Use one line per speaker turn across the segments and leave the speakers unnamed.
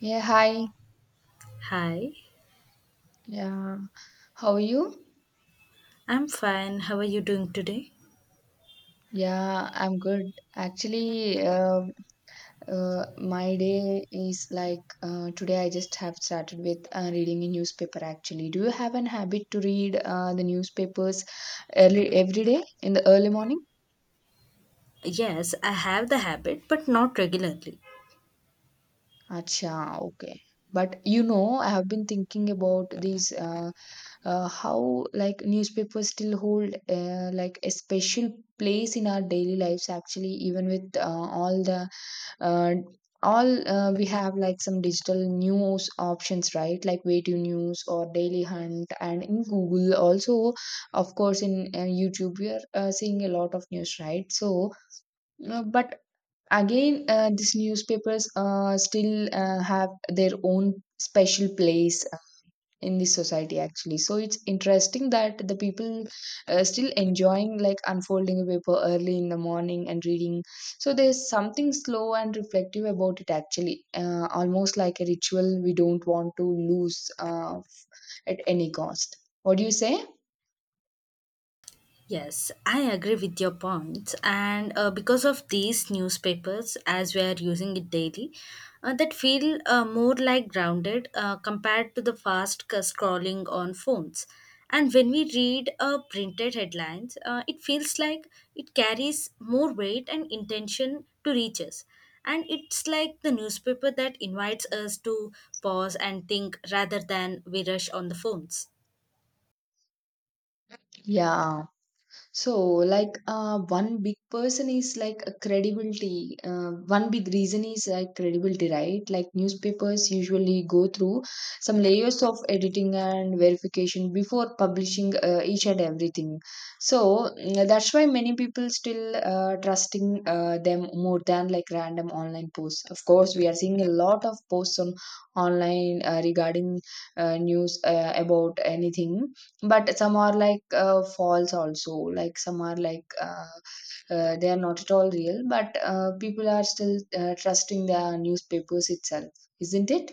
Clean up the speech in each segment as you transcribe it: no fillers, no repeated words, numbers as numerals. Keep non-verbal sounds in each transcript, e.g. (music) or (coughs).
Yeah, hi.
Hi,
Yeah, how are you?
I'm fine. How are you doing today?
Yeah, I'm good. Actually, my day is like today I just have started with reading a newspaper actually. Do you have an habit to read the newspapers early every day in the early morning?
Yes, I have the habit, but not regularly.
Acha, okay. But you know, I have been thinking about these how like newspapers still hold like a special place in our daily lives actually even with all the uh, all we have like some digital news options, right, like way to news or daily hunt and in google also, of course in youtube we are seeing a lot of news, right, so but again these newspapers still have their own special place in this society actually, so it's interesting that the people still enjoying like unfolding a paper early in the morning and reading, so there's something slow and reflective about it actually, almost like a ritual we don't want to lose at any cost. What do you say?
Yes, I agree with your points, and because of these newspapers, as we are using it daily, that feel more like grounded compared to the fast scrolling on phones. And when we read printed headlines, it feels like it carries more weight and intention to reach us. And it's like the newspaper that invites us to pause and think rather than we rush on the phones.
Yeah. So, one big person is like a credibility. One big reason is like credibility, right? Like, newspapers usually go through some layers of editing and verification before publishing each and everything. So, that's why many people still trusting them more than like random online posts. Of course, we are seeing a lot of posts on online regarding news about anything, but some are like false also, like some are they are not at all real, but people are still trusting the newspapers itself, isn't it?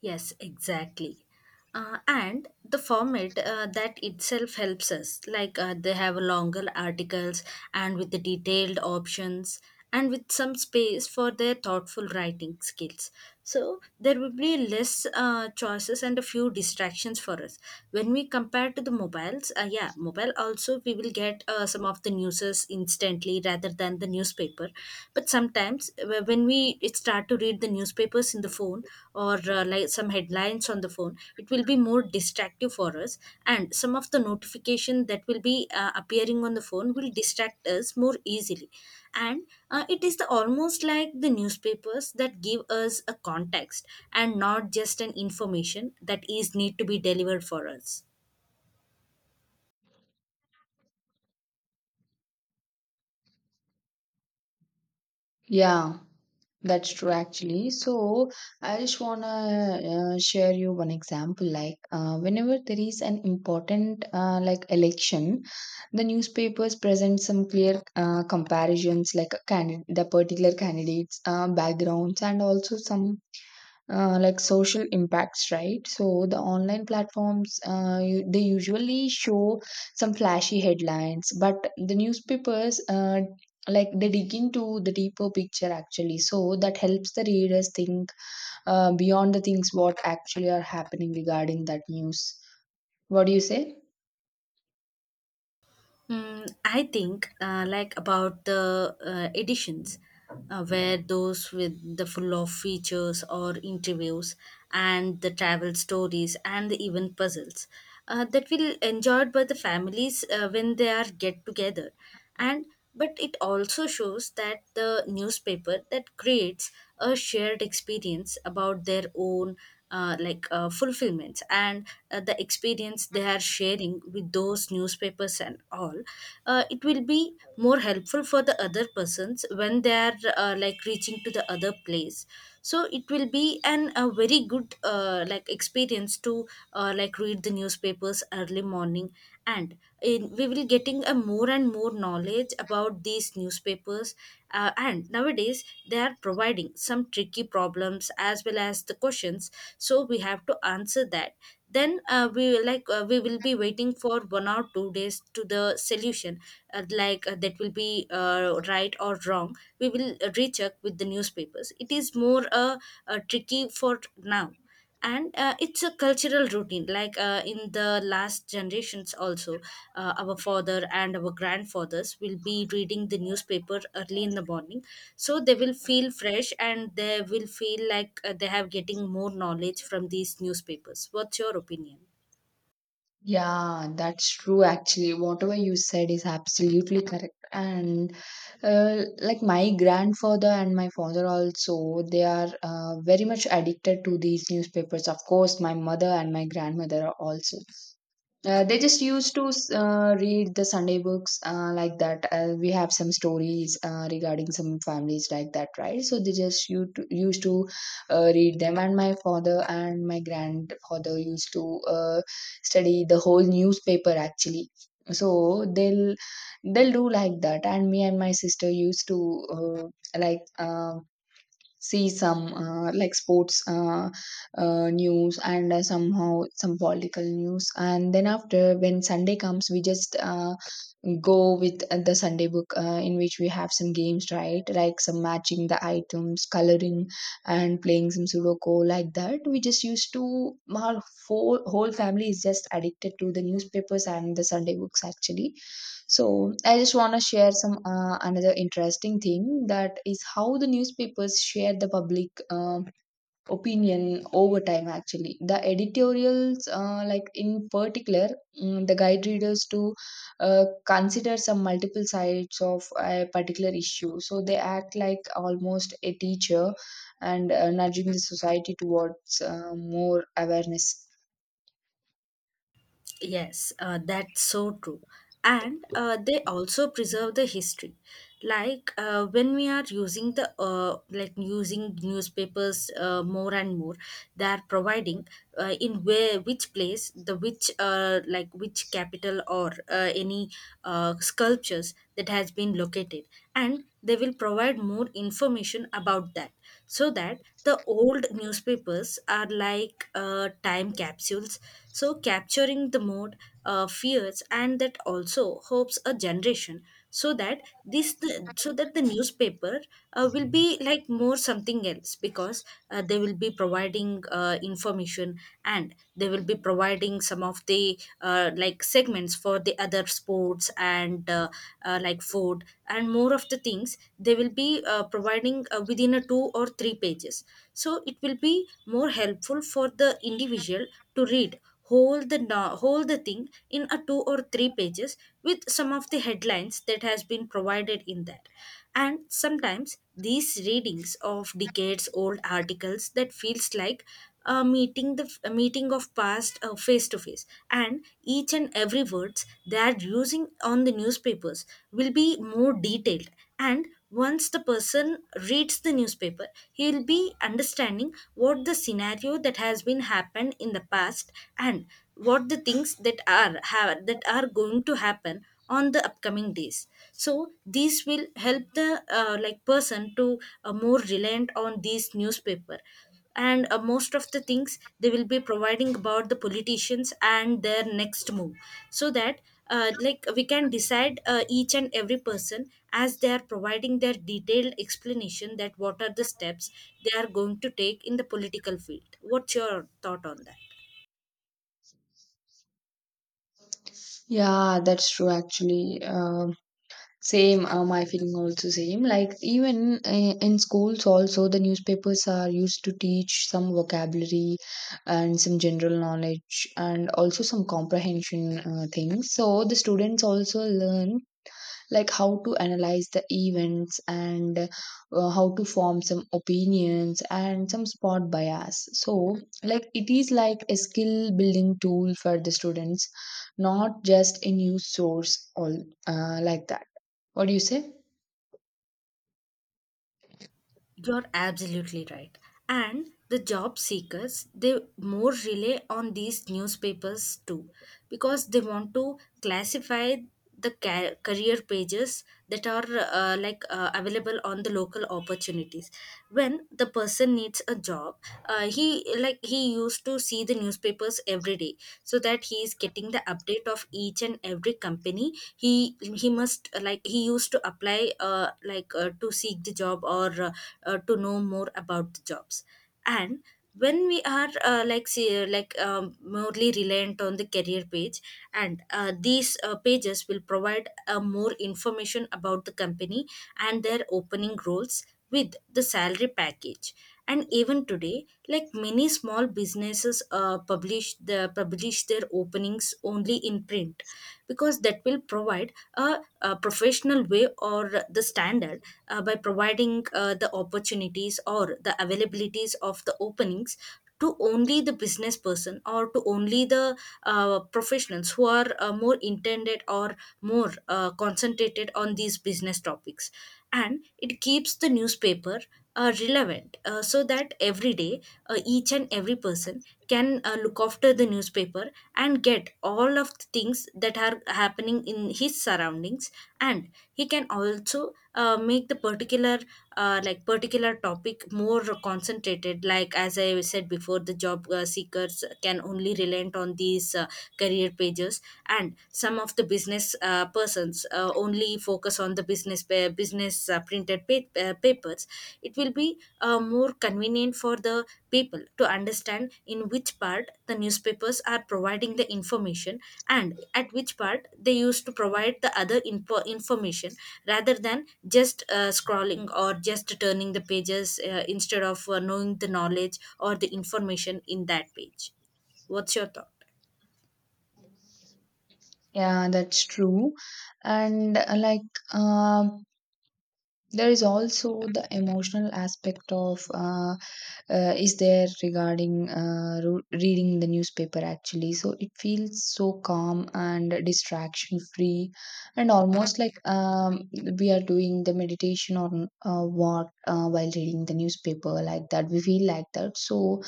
Yes, exactly. And the format that itself helps us. They have longer articles and with the detailed options and with some space for their thoughtful writing skills. So there will be less choices and a few distractions for us. When we compare to the mobiles, yeah, mobile also we will get some of the newses instantly rather than the newspaper but sometimes when we it start to read the newspapers in the phone or like some headlines on the phone it will be more distractive for us and some of the notification that will be appearing on the phone will distract us more easily and it is the almost like the newspapers that give us a context and not just an information that is need to be delivered for us.
Yeah, that's true actually. So I just want to share you one example, like whenever there is an important like election, the newspapers present some clear comparisons, like the particular candidates backgrounds and also some like social impacts, right? So the online platforms they usually show some flashy headlines, but the newspapers like they dig into the deeper picture actually, so that helps the readers think beyond the things what actually are happening regarding that news. What do you say?
Mm, I think like about the editions where those with the full of features or interviews and the travel stories and the even puzzles, that will enjoyed by the families when they are get together, and but it also shows that the newspaper that creates a shared experience about their own fulfillments and the experience they are sharing with those newspapers and all. Uh, it will be more helpful for the other persons when they are like reaching to the other place, so it will be an a very good like experience to like read the newspapers early morning, and in, we will getting a more and more knowledge about these newspapers. Uh, and nowadays they are providing some tricky problems as well as the questions, so we have to answer that. Then we will like we will be waiting for 1 or 2 days to the solution. Uh, that will be uh, right or wrong, we will recheck with the newspapers. It is more tricky for now. And it's a cultural routine, like in the last generations also, our father and our grandfathers will be reading the newspaper early in the morning, so they will feel fresh and they will feel like they have getting more knowledge from these newspapers. What's your opinion?
Yeah, that's true actually. Whatever you said is absolutely correct. And like my grandfather and my father also, they are very much addicted to these newspapers. Of course, my mother and my grandmother are also. They just used to read the Sunday books, like that. We have some stories regarding some families like that, right? So they just used to, used to read them. And my father and my grandfather used to study the whole newspaper actually. So they'll do like that. And me and my sister used to like um see some like sports news and somehow some political news, and then after, when sunday comes, we just go with the sunday book, in which we have some games, right, like some matching the items, coloring and playing some sudoku, like that we just used to, our whole family is just addicted to the newspapers and the sunday books actually. So I just want to share some another interesting thing, that is how the newspapers share the public opinion over time. Actually, the editorials, like in particular, the guide readers to consider some multiple sides of a particular issue. So they act like almost a teacher and nudging the society towards more awareness.
Yes, that's so true. And they also preserve the history. Like when we are using the like using newspapers more and more, they are providing in where which place the which like which capital or any sculptures that has been located, and they will provide more information about that, so that the old newspapers are like time capsules, so capturing the mood, fears and that also hopes a generation, so that this so that the newspaper will be like more something else, because they will be providing information and they will be providing some of the like segments for the other sports and like food and more of the things they will be providing within a two or three pages, so it will be more helpful for the individual to read whole the whole the thing in a two or three pages with some of the headlines that has been provided in that. And sometimes these readings of decades old articles that feels like a meeting the a meeting of past face to face, and each and every words they are using on the newspapers will be more detailed. And once the person reads the newspaper, he'll be understanding what the scenario that has been happened in the past, and what the things that are going to happen on the upcoming days. So this will help the like person to more reliant on this newspaper. And most of the things they will be providing about the politicians and their next move, so that like we can decide, each and every person, as they are providing their detailed explanation that what are the steps they are going to take in the political field. What's your thought on that?
Yeah, that's true. Actually, same, my feeling also same. Like even in schools also, the newspapers are used to teach some vocabulary and some general knowledge and also some comprehension things. So the students also learn like how to analyze the events and how to form some opinions and some spot bias, so like it is like a skill building tool for the students, not just a news source all, like that. What do you say?
You're absolutely right. And the job seekers, they more rely on these newspapers too, because they want to classify the career pages that are available on the local opportunities. When the person needs a job, he like he used to see the newspapers every day, so that he is getting the update of each and every company. He must like he used to apply to seek the job or to know more about the jobs. And when we are like see, mostly reliant on the career page, and these pages will provide more information about the company and their opening roles with the salary package. And even today, like many small businesses publish their openings only in print, because that will provide a professional way or the standard by providing the opportunities or the availabilities of the openings to only the business person or to only the professionals who are more intended or more concentrated on these business topics. And it keeps the newspaper relevant, so that every day each and every person can look after the newspaper and get all of the things that are happening in his surroundings. And he can also make the particular like particular topic more concentrated, like as I said before, the job seekers can only relent on these career pages, and some of the business persons only focus on the business business printed papers. It will be more convenient for the people to understand in which part the newspapers are providing the information, and at which part they used to provide the other information, rather than just scrolling or just turning the pages instead of knowing the knowledge or the information in that page. What's your thought?
Yeah, that's true. And there is also the emotional aspect of is there regarding reading the newspaper actually. So it feels so calm and distraction free, and almost like we are doing the meditation, or what while reading the newspaper, like that. We feel like that. So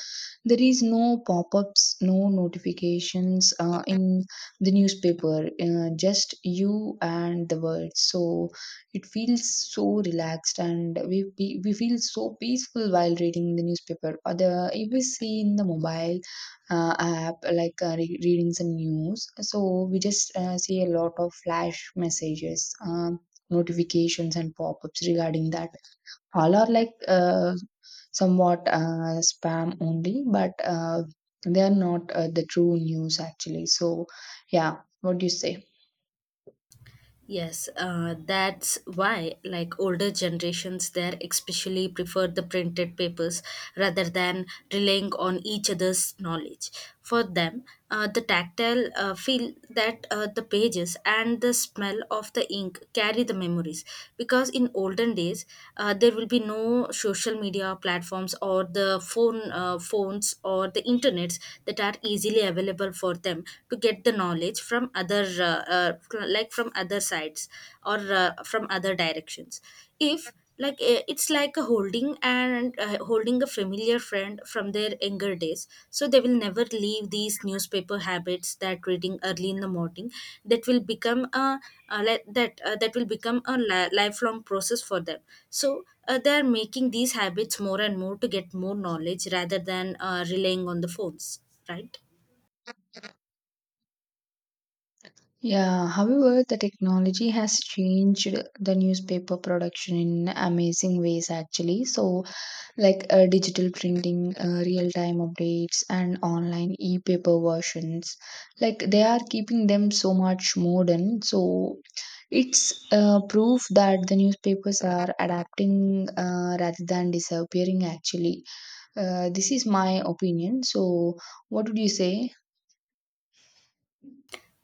there is no pop-ups, no notifications in the newspaper, just you and the words, so it feels so relaxed and we feel so peaceful while reading the newspaper. Or the, if we see in the mobile app, like reading some news, so we just see a lot of flash messages, um, notifications and pop-ups regarding that, all are like somewhat spam only, but they are not the true news actually. So, yeah, what do you say?
Yes, that's why, like older generations, there especially preferred the printed papers rather than relying on each other's knowledge. For them, the tactile feel that the pages and the smell of the ink carry the memories. Because in olden days, there will be no social media platforms or the phone phones or the internets that are easily available for them to get the knowledge from other like from other sides or from other directions. If like it's like a holding and holding a familiar friend from their younger days, so they will never leave these newspaper habits that reading early in the morning, that will become a that will become a lifelong process for them. So they are making these habits more and more to get more knowledge rather than relying on the phones, right?
Yeah, however, the technology has changed the newspaper production in amazing ways actually. So, like digital printing, real time updates, and online e paper versions. Like they are keeping them so much modern. So it's proof that the newspapers are adapting rather than disappearing, actually. This is my opinion. So, what would you say?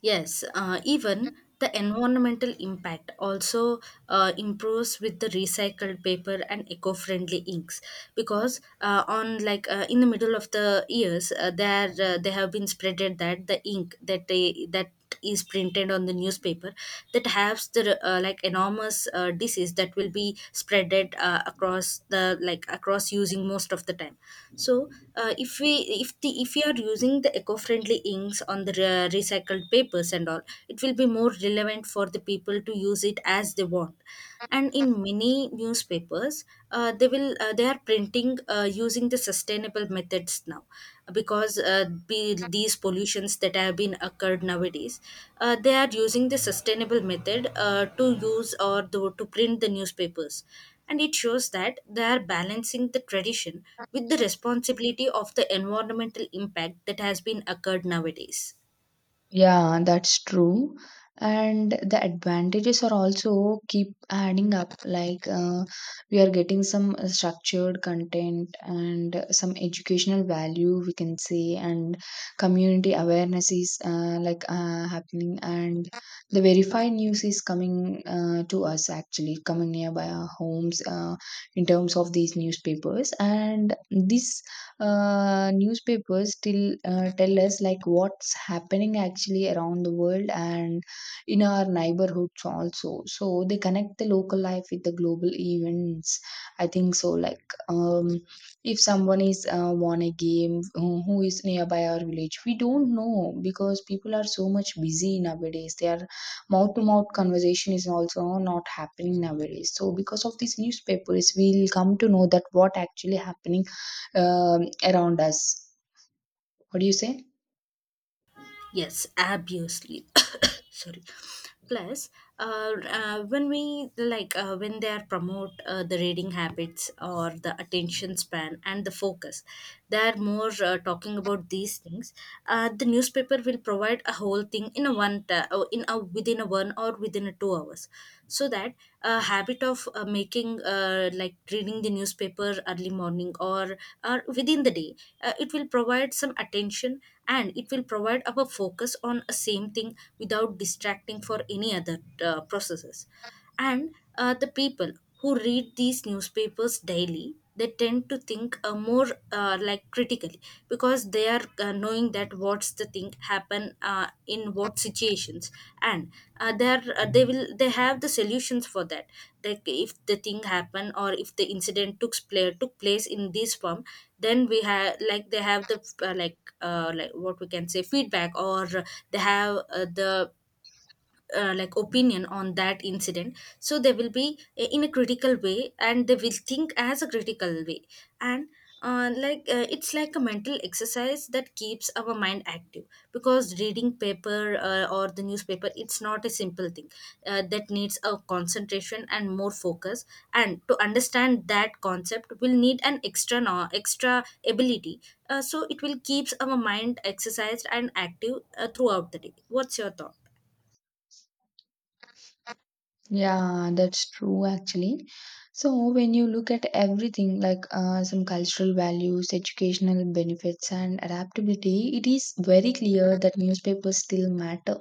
Yes, even the environmental impact also improves with the recycled paper and eco-friendly inks, because on like in the middle of the years, there they have been spreaded that the ink that they that is printed on the newspaper, that has the like enormous disease that will be spreaded across the like across using most of the time. So if we if the if we are using the eco-friendly inks on the recycled papers and all, it will be more relevant for the people to use it as they want. And in many newspapers, they are printing using the sustainable methods now, because these pollutions that have been occurred nowadays, they are using the sustainable method to use or to print the newspapers. And it shows that they are balancing the tradition with the responsibility of the environmental impact that has been occurred nowadays.
Yeah, that's true. And the advantages are also keep adding up. Like we are getting some structured content and some educational value, we can say, and community awareness is happening, and the verified news is coming to us actually, coming nearby our homes in terms of these newspapers. And this newspapers still tell us like what's happening actually around the world and in our neighborhoods also, so they connect the local life with the global events. I think so, like if someone is won a game, who is nearby our village, we don't know, because people are so much busy nowadays, their mouth to mouth conversation is also not happening nowadays, so because of these newspapers we'll come to know that what actually happening around us. What do you say?
Yes, obviously. (coughs) Sorry. Plus, when we like when they are promote the reading habits or the attention span and the focus, they are more talking about these things. The newspaper will provide a whole thing in a one in a within a one or within a 2 hours, so that a habit of making like reading the newspaper early morning or within the day, it will provide some attention, and it will provide our focus on a same thing without distracting for any other processes. And the people who read these newspapers daily, they tend to think more, like, critically, because they are knowing that what's the thing happen in what situations. And they have the solutions for that, like if the thing happen or if the incident took place in this form, then we have like they have the, what we can say, feedback, or they have the, opinion on that incident, so they will be in a critical way, and they will think as a critical way. And it's like a mental exercise that keeps our mind active, because reading paper, or the newspaper, it's not a simple thing that needs a concentration and more focus, and to understand that concept will need an extra extra ability. So it will keeps our mind exercised and active throughout the day. What's your thought?
Yeah, that's true actually. So when you look at everything, like some cultural values, educational benefits, and adaptability, it is very clear that newspapers still matter.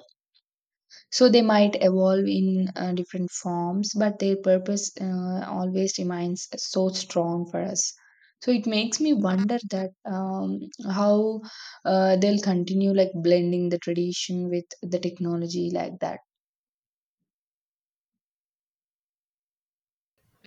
So they might evolve in different forms, but their purpose always remains so strong for us. So it makes me wonder that how they'll continue like blending the tradition with the technology, like that.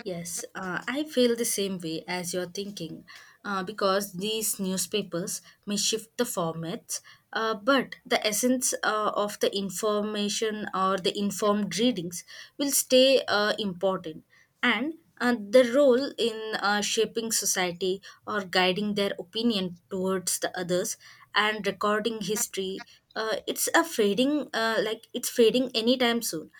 Yes, I feel the same way as you're thinking, because these newspapers may shift the formats, but the essence of the information or the informed readings will stay important. And the role in shaping society or guiding their opinion towards the others and recording history, it's a fading, it's fading anytime soon.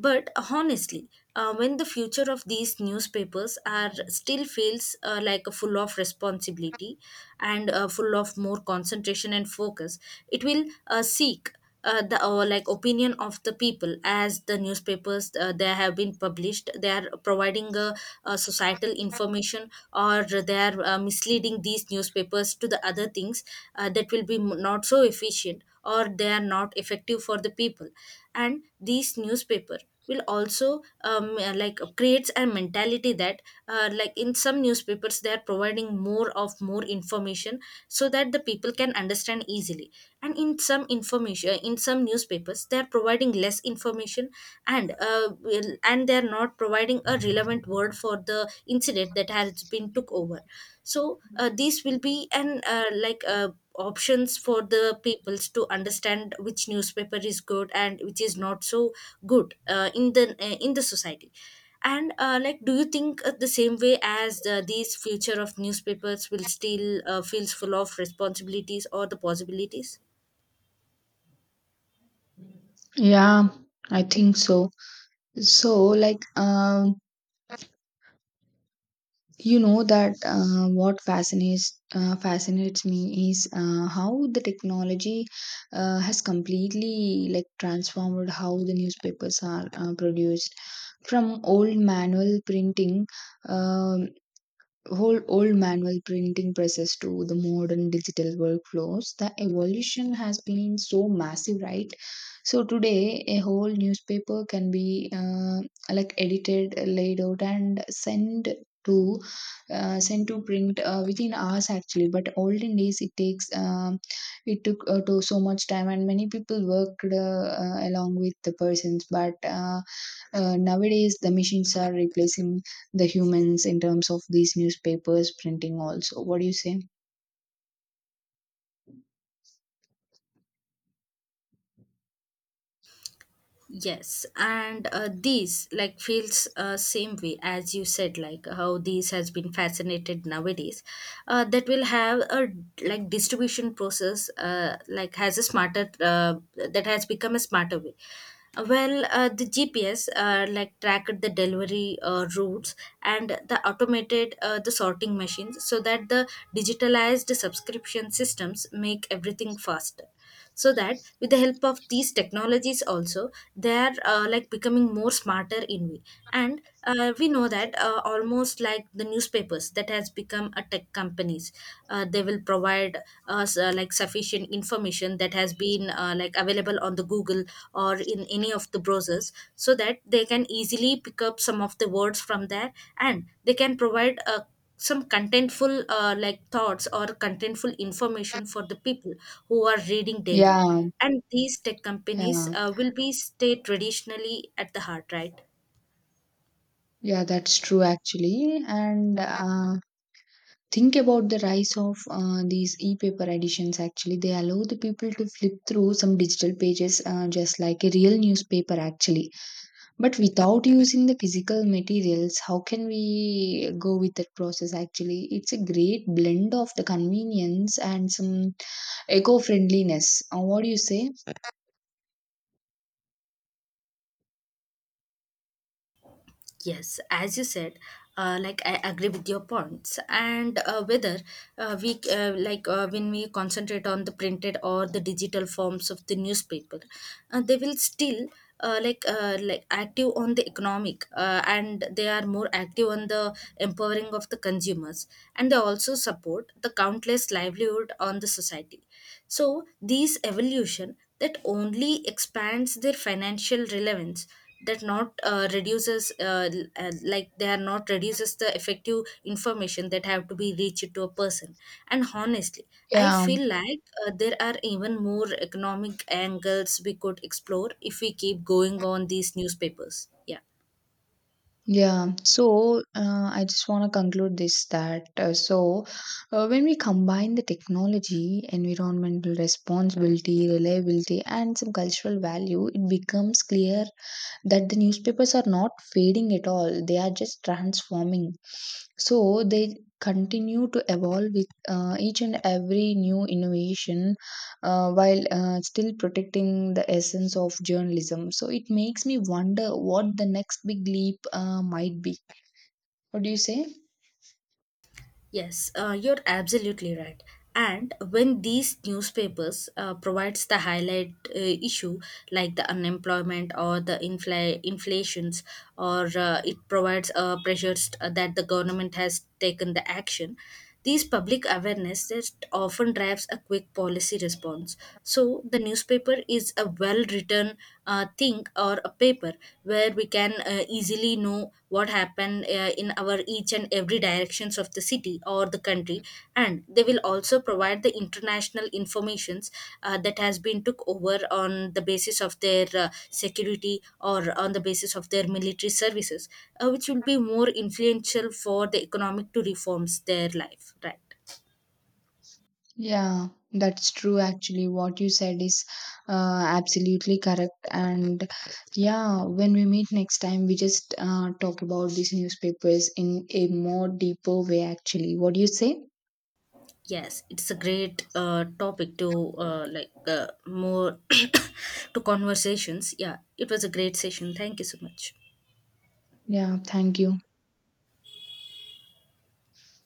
But honestly, when the future of these newspapers are still feels, a full of responsibility, and full of more concentration and focus, it will seek the, opinion of the people, as the newspapers, they have been published, they are providing a societal information, or they are misleading these newspapers to the other things, that will be not so efficient, or they are not effective for the people. And these newspaper will also creates a mentality that, in some newspapers they are providing more of more information, so that the people can understand easily. And in some information, in some newspapers, they are providing less information, and and they are not providing a relevant word for the incident that has been took over. So these will be an, options for the peoples to understand which newspaper is good and which is not so good in the, in the society. And do you think the same way, as the, these future of newspapers will still feels full of responsibilities or the possibilities?
Yeah, I think so. So, you know that what fascinates fascinates me is how the technology has completely like transformed how the newspapers are produced. From um old manual printing presses to the modern digital workflows, the evolution has been so massive, right? So today a whole newspaper can be like edited, laid out and to sent to print within hours actually, but olden days it takes it took to so much time and many people worked along with the persons, but nowadays the machines are replacing the humans in terms of these newspapers printing also. What do you say?
Yes, and these like feels same way as you said, like how these has been fascinated nowadays. That will have a like distribution process, has a smarter, that has become a smarter way. Well, the GPS tracked the delivery routes, and the automated, the sorting machines, so that the digitalized subscription systems make everything faster, so that with the help of these technologies also, they are becoming more smarter in way. And we know that, almost like the newspapers that has become a tech companies, they will provide us sufficient information that has been available on the Google or in any of the browsers, so that they can easily pick up some of the words from there, and they can provide a some contentful, thoughts or contentful information for the people who are reading daily.
Yeah.
And these tech companies
Yeah,
will be stay traditionally at the heart, right?
yeah, that's true actually. And think about the rise of these e-paper editions, actually they allow the people to flip through some digital pages just like a real newspaper actually, but without using the physical materials. How can we go with that process actually? It's a great blend of the convenience and some eco-friendliness. What do you say?
Yes, as you said, I agree with your points, and whether, we like when we concentrate on the printed or the digital forms of the newspaper, they will still active on the economic, and they are more active on the empowering of the consumers, and they also support the countless livelihood on the society. So these evolution that only expands their financial relevance, that not reduces, they are not reduces the effective information that have to be reached to a person. And honestly, I
Yeah,
feel like there are even more economic angles we could explore if we keep going on these newspapers. Yeah.
yeah. So I just want to conclude this, that when we combine the technology, environmental responsibility, reliability, and some cultural value, it becomes clear that the newspapers are not fading at all, they are just transforming. So they continue to evolve with each and every new innovation, while still protecting the essence of journalism. So it makes me wonder what the next big leap might be. What do you say?
Yes, you're absolutely right. And when these newspapers provides the highlight issue, like the unemployment or the inflations, or it provides pressures that the government has taken the action, these public awareness that often drives a quick policy response. So the newspaper is a well-written thing or a paper, where we can easily know what happened in our each and every directions of the city or the country, and they will also provide the international informations that has been took over on the basis of their security or on the basis of their military services, which will be more influential for the economic to reforms their life, right?
Yeah, that's true. Actually, what you said is absolutely correct. And yeah, when we meet next time, we just talk about these newspapers in a more deeper way, actually. What do you say?
Yes, it's a great topic to, uh, like uh, more (coughs) to conversations. Yeah, it was a great session. Thank you so much.
Yeah, thank you.